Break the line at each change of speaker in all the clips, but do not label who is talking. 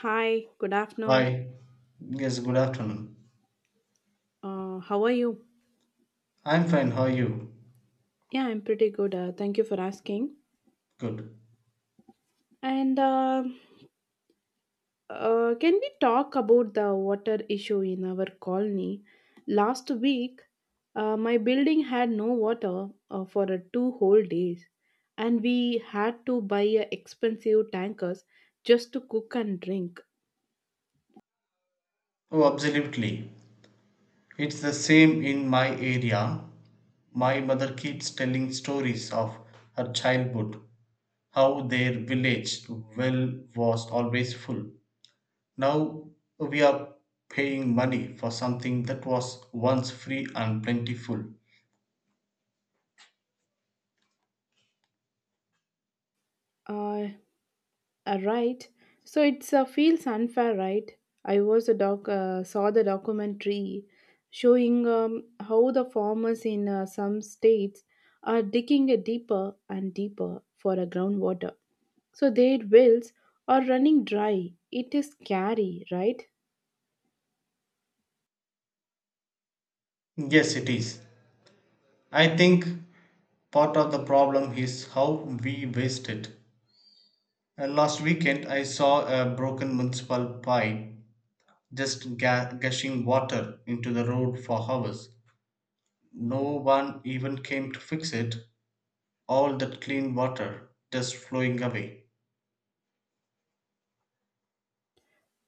Hi, good afternoon.
Hi. Yes, good afternoon.
How are you?
I'm fine. How are you?
Yeah, I'm pretty good. Thank you for asking.
Good.
And Can we talk about the water issue in our colony? Last week, my building had no water for two whole days, and we had to buy expensive tankers just to cook and drink.
Oh, absolutely. It's the same in my area. My mother keeps telling stories of her childhood, how their village well was always full. Now we are paying money for something that was once free and plentiful.
Uh, right. So it's feels unfair, right? I was a doc saw the documentary showing how the farmers in some states are digging it deeper and deeper for a groundwater. So their wells are running dry. It is scary, right?
Yes, it is. I think part of the problem is how we waste it. And last weekend, I saw a broken municipal pipe just gushing water into the road for hours. No one even came to fix it. All that clean water just flowing away.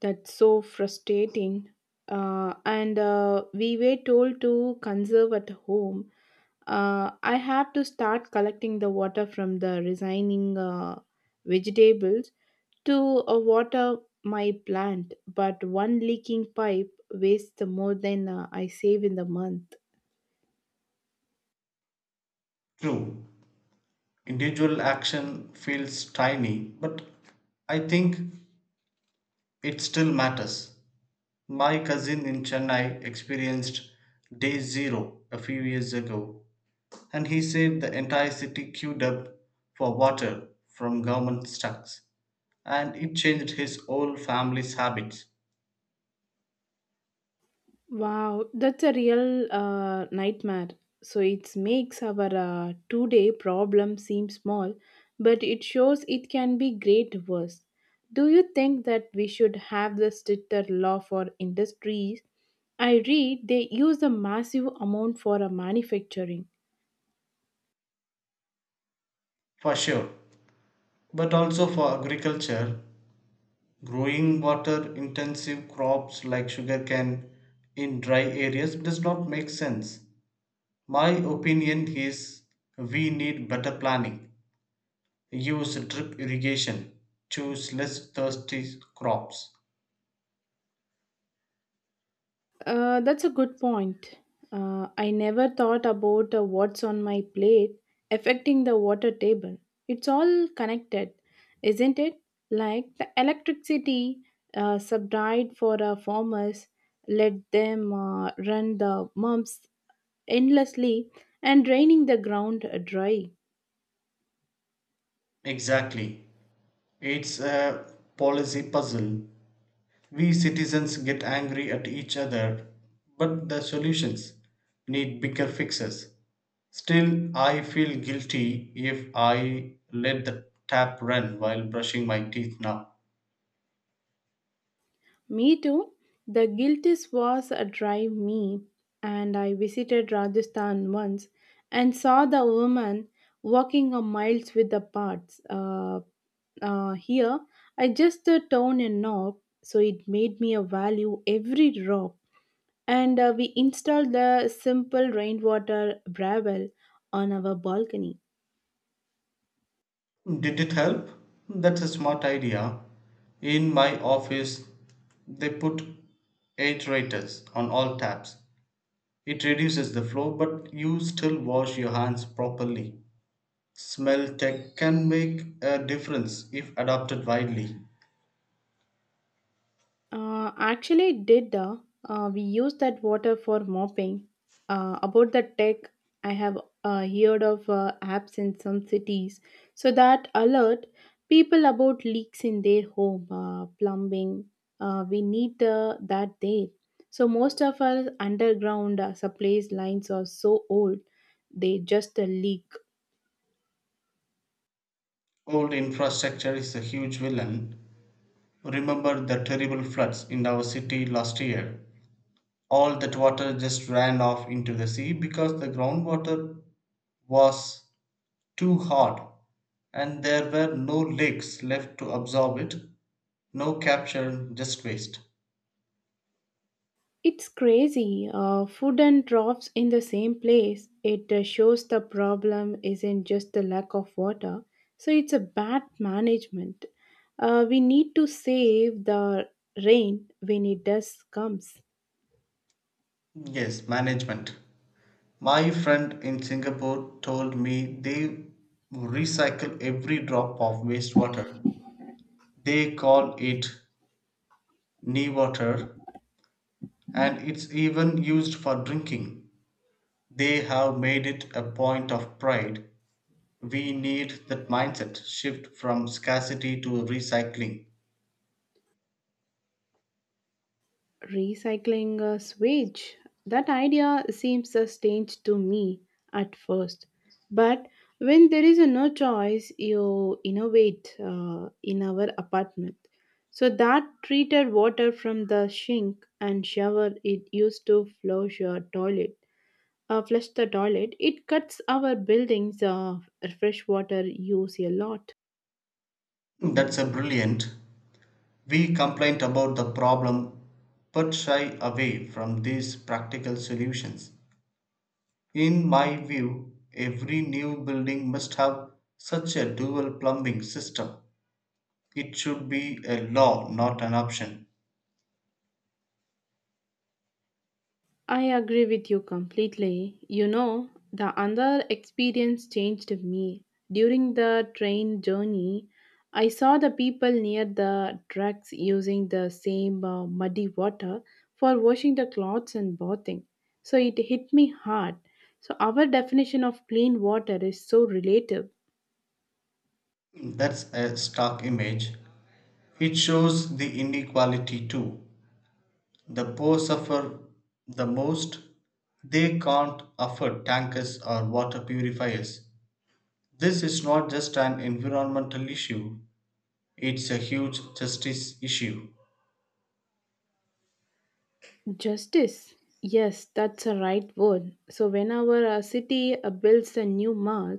That's so frustrating. And We were told to conserve at home. I have to start collecting the water from the resigning vegetables to water my plant, but one leaking pipe wastes more than I save in the month.
True, individual action feels tiny, but I think it still matters. My cousin in Chennai experienced day zero a few years ago, and he said the entire city queued up for water from government stocks, and it changed his whole family's habits.
Wow, that's a real nightmare. So it makes our two-day problem seem small, but it shows it can be great worse. Do you think that we should have the stricter law for industries? I read they use a massive amount for a manufacturing.
For sure, but also for agriculture, growing water intensive crops like sugarcane in dry areas does not make sense. My opinion is we need better planning, use drip irrigation, choose less thirsty crops.
That's a good point. I never thought about what's on my plate affecting the water table. It's all connected, isn't it? Like the electricity subsidied for farmers, let them run the pumps endlessly and draining the ground dry.
Exactly, it's a policy puzzle. We citizens get angry at each other, but the solutions need bigger fixes. Still, I feel guilty if I let the tap run while brushing my teeth now.
Me too. The Giltis was a drive me, and I visited Rajasthan once and saw the woman walking a miles with the parts. Here, I just turned a knob, so it made me a value every drop. And we installed the simple rainwater gravel on our balcony.
Did it help? That's a smart idea. In my office, they put aerators on all taps. It reduces the flow, but you still wash your hands properly. Smell tech can make a difference if adopted widely.
Actually, it did. We used that water for mopping. About the tech, I have heard of apps in some cities so that alert people about leaks in their home, plumbing. We need that there. So, most of our underground supplies lines are so old, they just leak.
Old infrastructure is a huge villain. Remember the terrible floods in our city last year? All that water just ran off into the sea because the groundwater was too hard and there were no lakes left to absorb it. No capture, just waste.
It's crazy. Food and drops in the same place. It shows the problem isn't just the lack of water, so it's a bad management. We need to save the rain when it does comes.
Yes, management. My friend in Singapore told me they recycle every drop of wastewater. They call it knee water and it's even used for drinking. They have made it a point of pride. We need that mindset shift from scarcity to recycling.
Recycling a switch? That idea seems a strange to me at first. But when there is a no choice, you innovate in our apartment. So that treated water from the sink and shower it used to flush your toilet. Flush the toilet. It cuts our buildings fresh water use a lot.
That's a brilliant. We complain about the problem but shy away from these practical solutions. In my view, every new building must have such a dual plumbing system. It should be a law, not an option.
I agree with you completely. You know, the other experience changed me. During the train journey, I saw the people near the tracks using the same muddy water for washing the clothes and bathing. So it hit me hard. So our definition of clean water is so relative.
That's a stark image. It shows the inequality too. The poor suffer the most. They can't afford tankers or water purifiers. This is not just an environmental issue, it's a huge justice issue.
Justice. Yes, that's a right word. So whenever a city builds a new mall,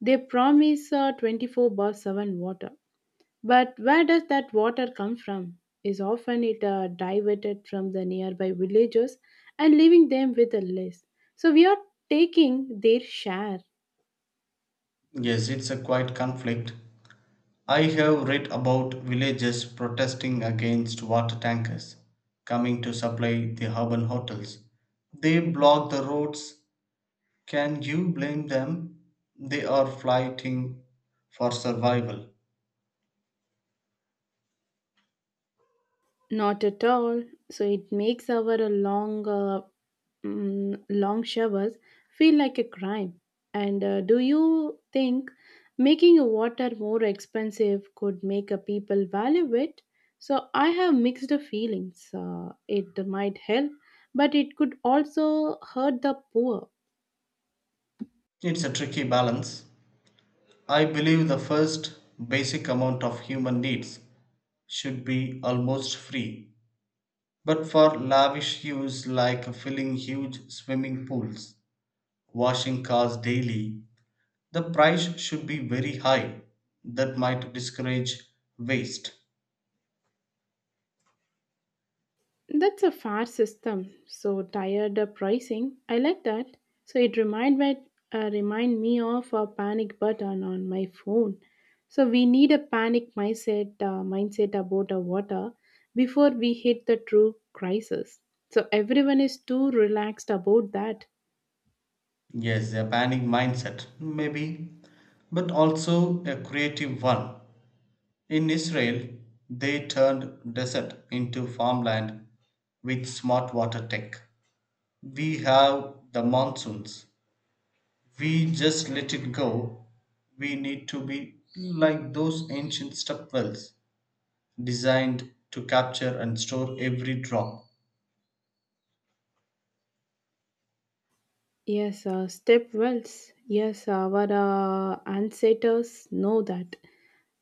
they promise 24/7 water. But where does that water come from? Is often it diverted from the nearby villages and leaving them with a less. So we are taking their share.
Yes, it's a quiet conflict. I have read about villages protesting against water tankers coming to supply the urban hotels. They block the roads. Can you blame them? They are fighting for survival.
Not at all. So it makes our long showers feel like a crime? And do you think making water more expensive could make a people value it? So I have mixed feelings. It might help, but it could also hurt the poor.
It's a tricky balance. I believe the first basic amount of human needs should be almost free. But for lavish use like filling huge swimming pools, washing cars daily, the price should be very high. That might discourage waste.
That's a fair system. So tired of pricing. I like that. So it remind me of a panic button on my phone. So we need a panic mindset about our water before we hit the true crisis. So everyone is too relaxed about that.
Yes, a panic mindset, maybe, but also a creative one. In Israel, they turned desert into farmland with smart water tech. We have the monsoons. We just let it go. We need to be like those ancient step wells designed to capture and store every drop.
Yes, step wells. Yes, our ancestors know that.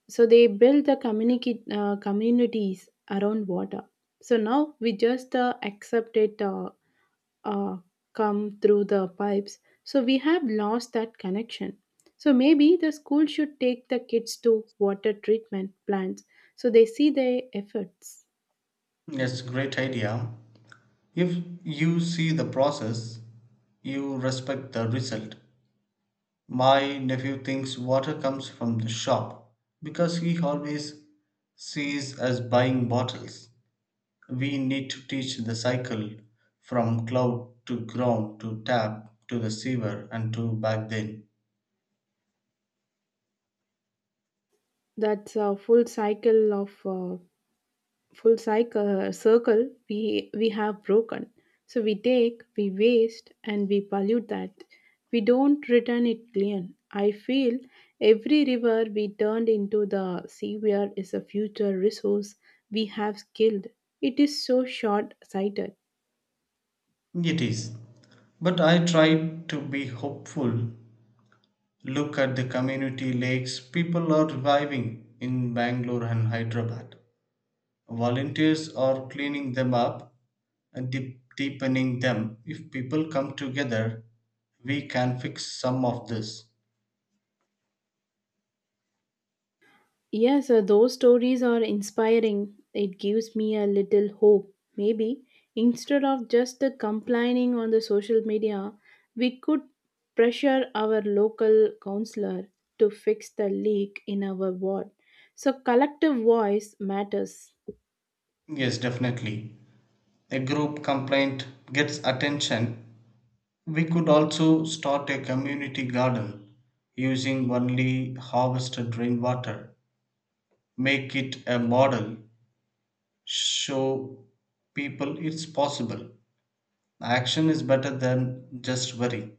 So they build the communities around water. So now we just accept it uh, come through the pipes. So we have lost that connection. So maybe the school should take the kids to water treatment plants so they see their efforts.
Yes, great idea. If you see the process, you respect the result. My nephew thinks water comes from the shop because he always sees us buying bottles. We need to teach the cycle from cloud to ground to tap to the sewer and to back then.
That's a full cycle of full cycle circle we have broken. So we take, we waste, and we pollute that we don't return it clean. I feel every river we turned into the seaware is a future resource we have killed. It is so short sighted.
It is. But I try to be hopeful. Look at the community lakes people are reviving in Bangalore and Hyderabad. Volunteers are cleaning them up and deepening them. If people come together, we can fix some of this.
Yes, those stories are inspiring. It gives me a little hope. Maybe instead of just complaining on the social media, we could pressure our local counselor to fix the leak in our ward. So collective voice matters.
Yes, definitely. A group complaint gets attention. We could also start a community garden using only harvested rainwater. Make it a model. Show people it's possible. Action is better than just worry.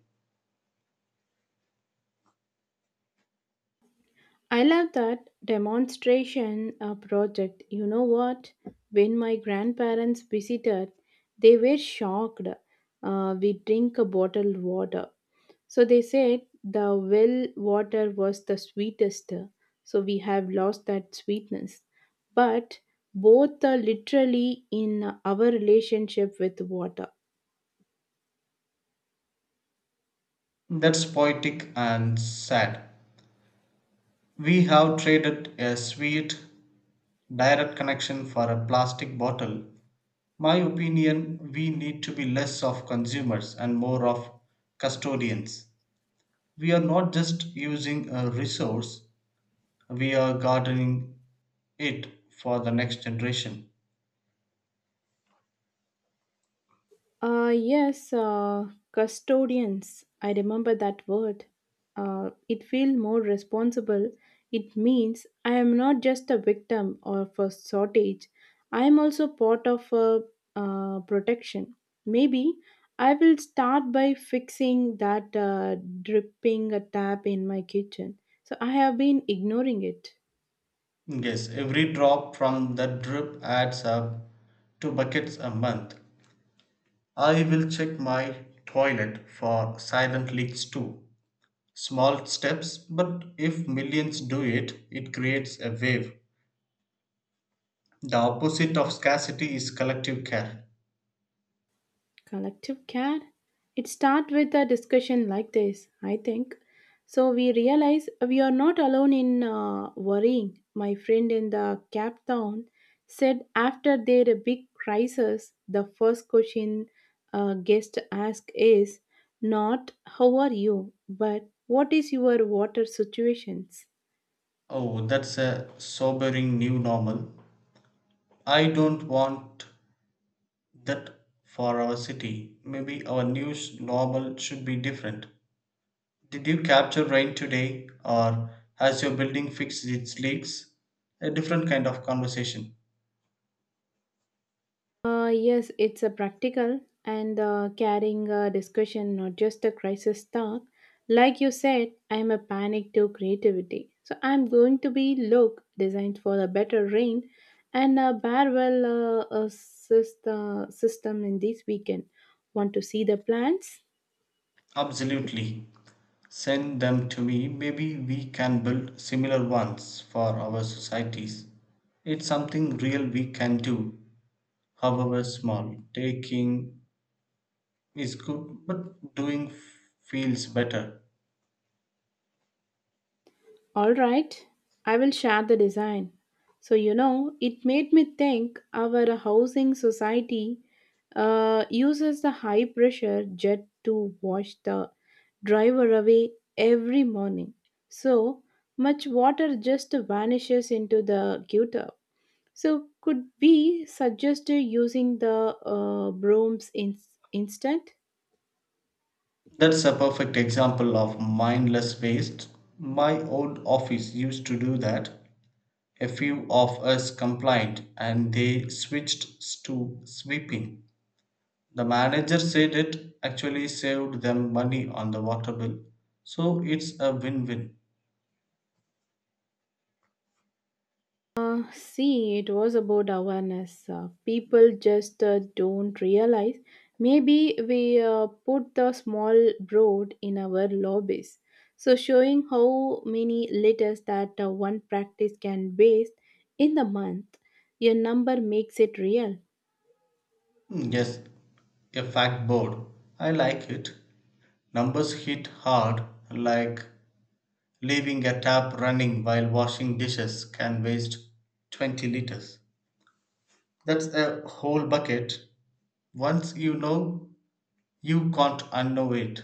I love that demonstration project. You know what? When my grandparents visited, they were shocked. We drink a bottled water. So they said the well water was the sweetest. So we have lost that sweetness. But both are literally in our relationship with water.
That's poetic and sad. We have traded a sweet, direct connection for a plastic bottle. My opinion, we need to be less of consumers and more of custodians. We are not just using a resource, we are gardening it for the next generation.
Uh, yes, uh, Custodians. I remember that word. It feels more responsible. It means I am not just a victim of a shortage. I am also part of a protection. Maybe I will start by fixing that dripping tap in my kitchen. So I have been ignoring it.
Yes, every drop from that drip adds up to buckets a month. I will check my toilet for silent leaks too. Small steps, but if millions do it, it creates a wave. The opposite of scarcity is collective care.
Collective care. It starts with a discussion like this, I think. So we realize we are not alone in worrying. My friend in the Cape Town said after their big crisis, the first question a guest ask is not how are you, but what is your water situations.
Oh, that's a sobering new normal. I don't want that for our city. Maybe our new normal should be different. Did you capture rain today, or has your building fixed its leaks? A different kind of conversation.
Yes, it's a practical and carrying a discussion, not just a crisis talk. Like you said, I'm a panic to creativity. So I'm going to be look designed for a better rain and a barwell assist, system in this weekend. Want to see the plants?
Absolutely. Send them to me. Maybe we can build similar ones for our societies. It's something real we can do, however small. Taking is good, but doing feels better.
All right, I will share the design. So, you know, it made me think our housing society uses the high pressure jet to wash the driver away every morning. So much water just vanishes into the gutter. So, could we suggest using the brooms instead?
That's a perfect example of mindless waste. My old office used to do that. A few of us complained and they switched to sweeping. The manager said it actually saved them money on the water bill. So it's a win win.
See, it was about awareness. People just don't realize. Maybe we put the small broad in our lobbies. So, showing how many liters that one practice can waste in the month, your number makes it real.
Yes, a fact board. I like it. Numbers hit hard, like leaving a tap running while washing dishes can waste 20 liters. That's a whole bucket. Once you know, you can't unknow it.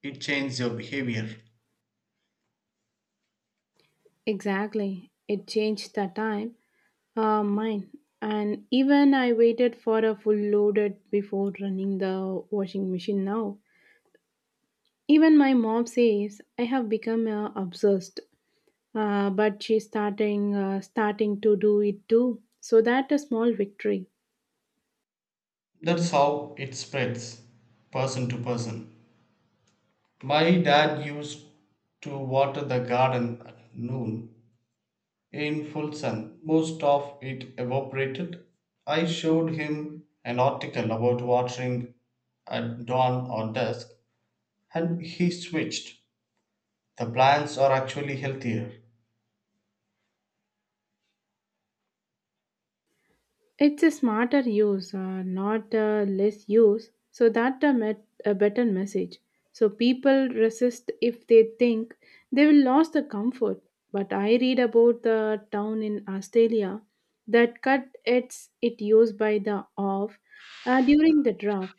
It changes your behavior.
Exactly. It changed the time. Mine. And even I waited for a full loaded before running the washing machine now. Even my mom says I have become obsessed, but she's starting to do it too. So that a small victory.
That's how it spreads person to person. My dad used to water the garden at noon in full sun. Most of it evaporated. I showed him an article about watering at dawn or dusk, and he switched. The plants are actually healthier.
It's a smarter use, not less use, so that met a better message. So people resist if they think they will lose the comfort. But I read about the town in Australia that cut its it used by the off during the draft,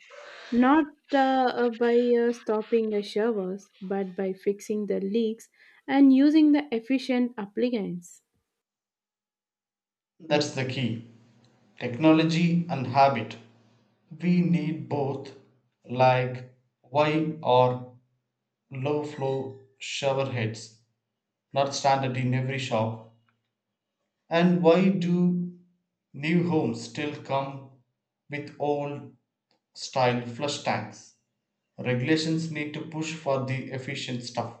not by stopping the showers, but by fixing the leaks and using the efficient appliance.
That's the key, technology and habit. We need both, like wide or low flow shower heads, not standard in every shop. And why do new homes still come with old style flush tanks? Regulations need to push for the efficient stuff.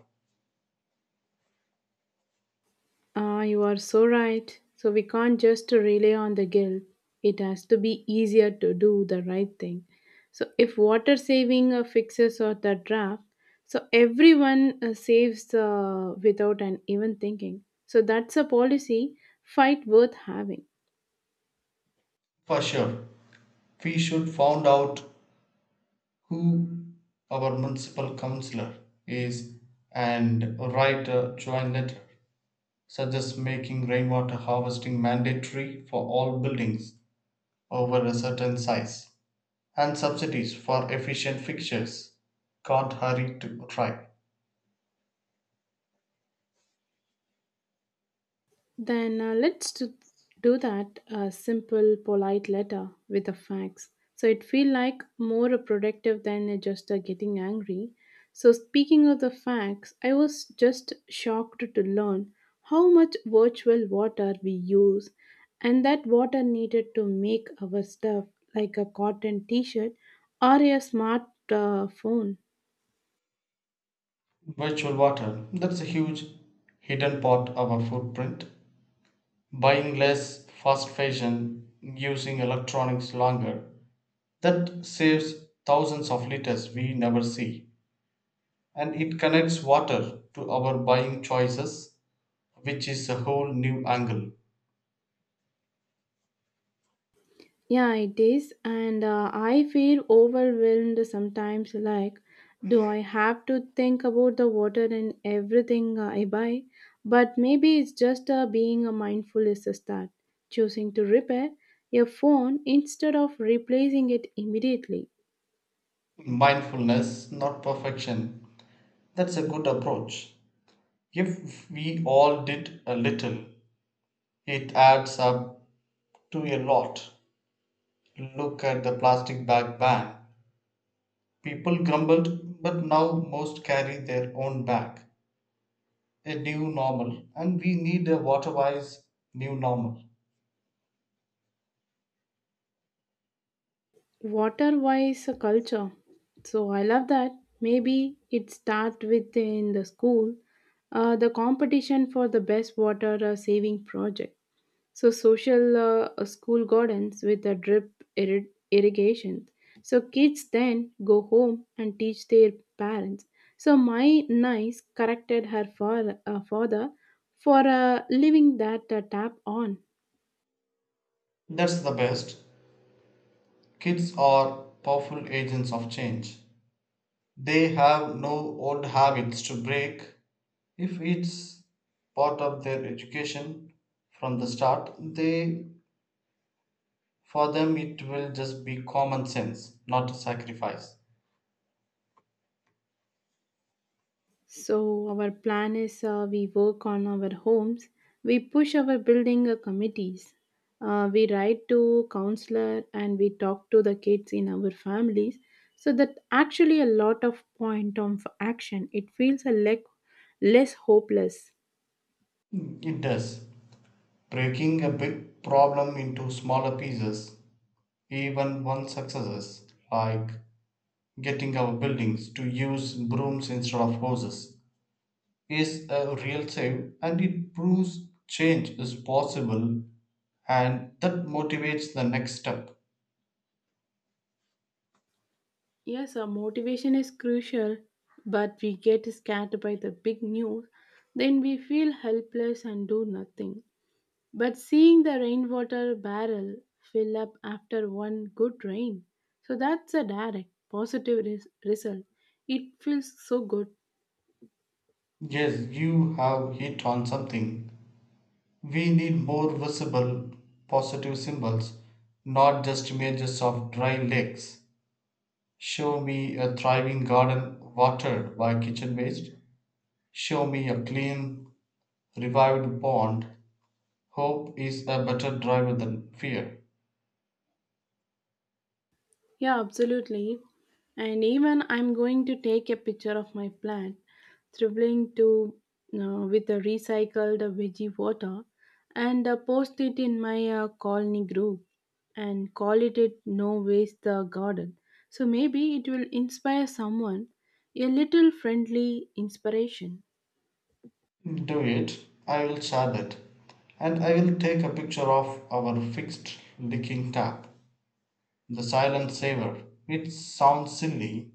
Ah, you are so right. So we can't just rely on the guilt. It has to be easier to do the right thing. So if water saving fixes or the draft, so everyone saves without an even thinking. So that's a policy fight worth having.
For sure, we should find out who our municipal councillor is and write a joint letter, such as making rainwater harvesting mandatory for all buildings over a certain size and subsidies for efficient fixtures. Can't hurry to try.
Then do that a simple, polite letter with the facts. So it feel like more productive than just getting angry. So speaking of the facts, I was just shocked to learn how much virtual water we use, and that water needed to make our stuff like a cotton T-shirt or a smart phone.
Virtual water. That's a huge hidden part of our footprint. Buying less fast fashion, using electronics longer. That saves thousands of liters we never see. And it connects water to our buying choices, which is a whole new angle.
Yeah, it is. And I feel overwhelmed sometimes like, do I have to think about the water in everything I buy? But maybe it's just being a mindful is a start, choosing to repair your phone instead of replacing it immediately.
Mindfulness, not perfection. That's a good approach. If we all did a little, it adds up to a lot. Look at the plastic bag ban. People grumbled, but now most carry their own bag. A new normal. And we need a water wise new normal.
Water wise culture. So I love that. Maybe it start within the school, the competition for the best water saving project so social school gardens with a drip irrigation so kids then go home and teach their parents. So my niece corrected her for, father for leaving that tap on.
That's the best. Kids are powerful agents of change. They have no old habits to break. If it's part of their education from the start, they for them it will just be common sense, not a sacrifice.
So our plan is we work on our homes, we push our building committees, we write to counselor and we talk to the kids in our families. So that actually a lot of point of action. It feels a less hopeless.
It does. Breaking a big problem into smaller pieces. Even one successes like getting our buildings to use brooms instead of hoses, is a real save and it proves change is possible and that motivates the next step.
Yes, our motivation is crucial, but we get scared by the big news, then we feel helpless and do nothing. But seeing the rainwater barrel fill up after one good rain, so that's a direct positive result. It feels so good.
Yes, you have hit on something. We need more visible positive symbols, not just images of dry lakes. Show me a thriving garden watered by kitchen waste. Show me a clean, revived pond. Hope is a better driver than fear.
Yeah, absolutely. And even I'm going to take a picture of my plant dribbling to with a recycled veggie water and post it in my colony group and call it, it No Waste Garden. So maybe it will inspire someone a little friendly inspiration.
Do it. I will chart it. And I will take a picture of our fixed leaking tap. The silent saver. It sounds silly,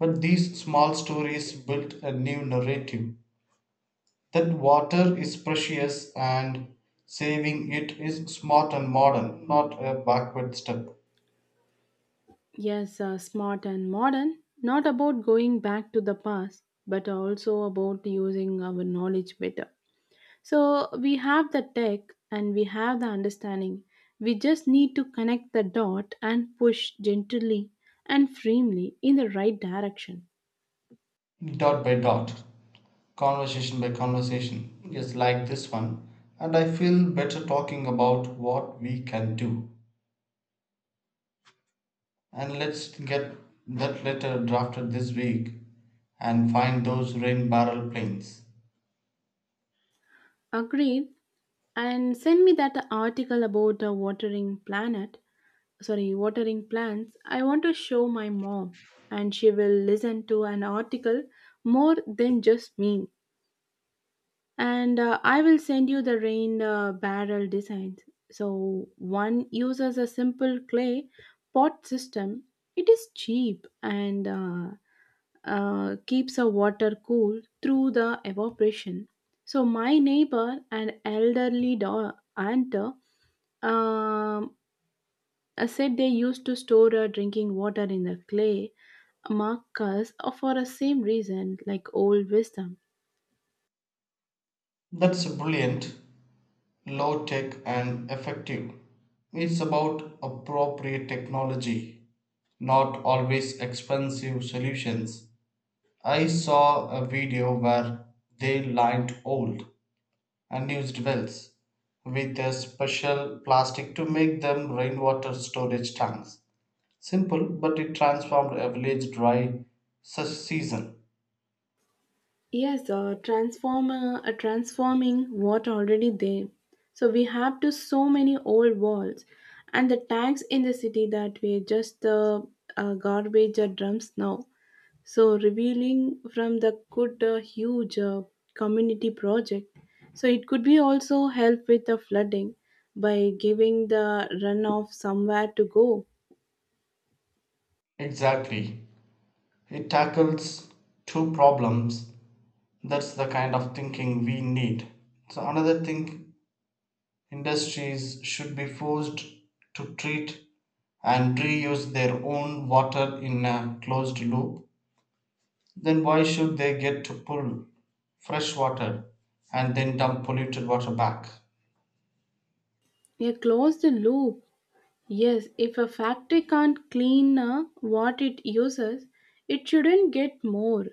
but these small stories built a new narrative that water is precious and saving it is smart and modern, not a backward step.
Yes, smart and modern, not about going back to the past, but also about using our knowledge better. So we have the tech and we have the understanding. We just need to connect the dot and push gently and firmly in the right direction.
Dot by dot, conversation by conversation. Yes, like this one. And I feel better talking about what we can do. And let's get that letter drafted this week and find those rain barrel planes.
Agreed. And send me that article about the watering planet. Sorry, watering plants. I want to show my mom, and she will listen to an article more than just me. And I will send you the rain barrel designs. So one uses a simple clay pot system. It is cheap and keeps the water cool through the evaporation. So my neighbor, an elderly aunt, um, said they used to store drinking water in the clay markers for the same reason, like old wisdom.
That's brilliant, low tech, and effective. It's about appropriate technology, not always expensive solutions. I saw a video where they lined old and used wells with a special plastic to make them rainwater storage tanks. Simple, but it transformed a village dry season.
Yes, transforming what already there. So we have to so many old walls, and the tanks in the city that were just the garbage or drums now. So revealing from the good huge community project. So it could be also help with the flooding by giving the runoff somewhere to go.
Exactly. It tackles two problems. That's the kind of thinking we need. So, another thing, industries should be forced to treat and reuse their own water in a closed loop. Then why should they get to pull fresh water and then dump polluted water back?
Yeah, close the loop. Yes, if a factory can't clean what it uses, it shouldn't get more.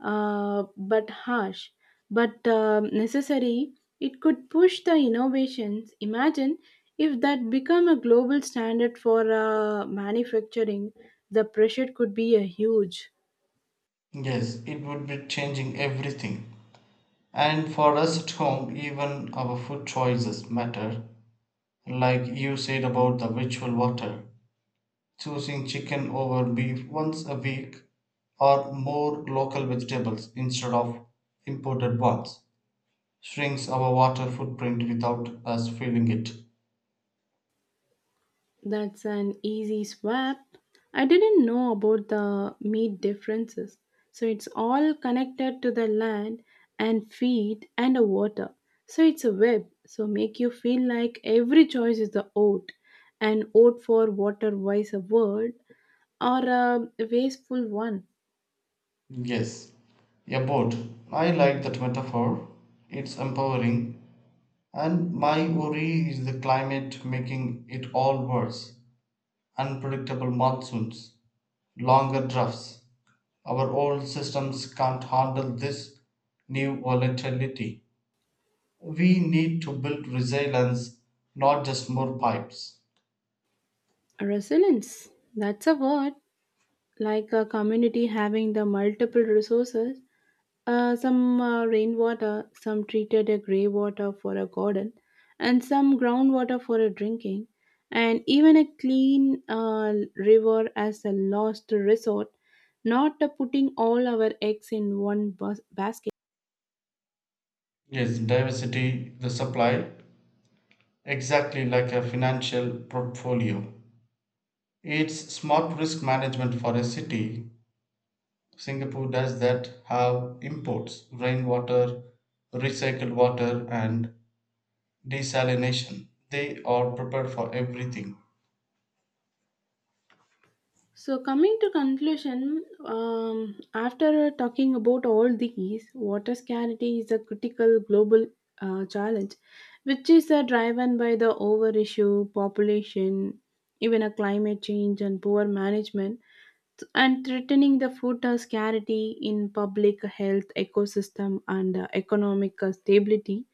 But harsh, but necessary, it could push the innovations. Imagine if that become a global standard for manufacturing, the pressure could be a huge.
Yes, it would be changing everything. And for us at home, even our food choices matter. Like you said about the ritual water, choosing chicken over beef once a week or more local vegetables instead of imported ones shrinks our water footprint without us feeling it.
That's an easy swap. I didn't know about the meat differences. So it's all connected to the land and feed and the water. So it's a web. So make you feel like every choice is the oat, an oat for water wise a word, or a wasteful one.
Yes, a boat. I like that metaphor. It's empowering. And my worry is the climate making it all worse. Unpredictable monsoons, longer drafts. Our old systems can't handle this new volatility. We need to build resilience, not just more pipes.
Resilience. That's a word like a community having the multiple resources. Some rainwater, some treated a grey water for a garden, and some groundwater for a drinking, and even a clean river as a last resort, not putting all our eggs in one basket.
Yes, diversity, the supply, exactly like a financial portfolio. It's smart risk management for a city. Singapore does that, have imports rainwater, recycled water, and desalination. They are prepared for everything.
So, coming to conclusion, after talking about all these, water scarcity is a critical global challenge, which is driven by the over issue, population, even a climate change and poor management, and threatening the food scarcity in public health, ecosystem, and economic stability,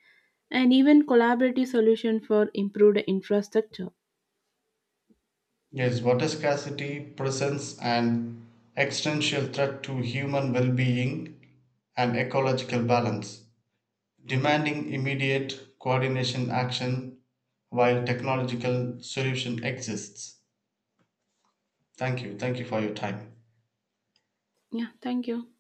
and even collaborative solution for improved infrastructure.
Yes, water scarcity presents an existential threat to human well being and ecological balance, demanding immediate coordination action while technological solution exists. Thank you. Thank you for your time.
Yeah, thank you.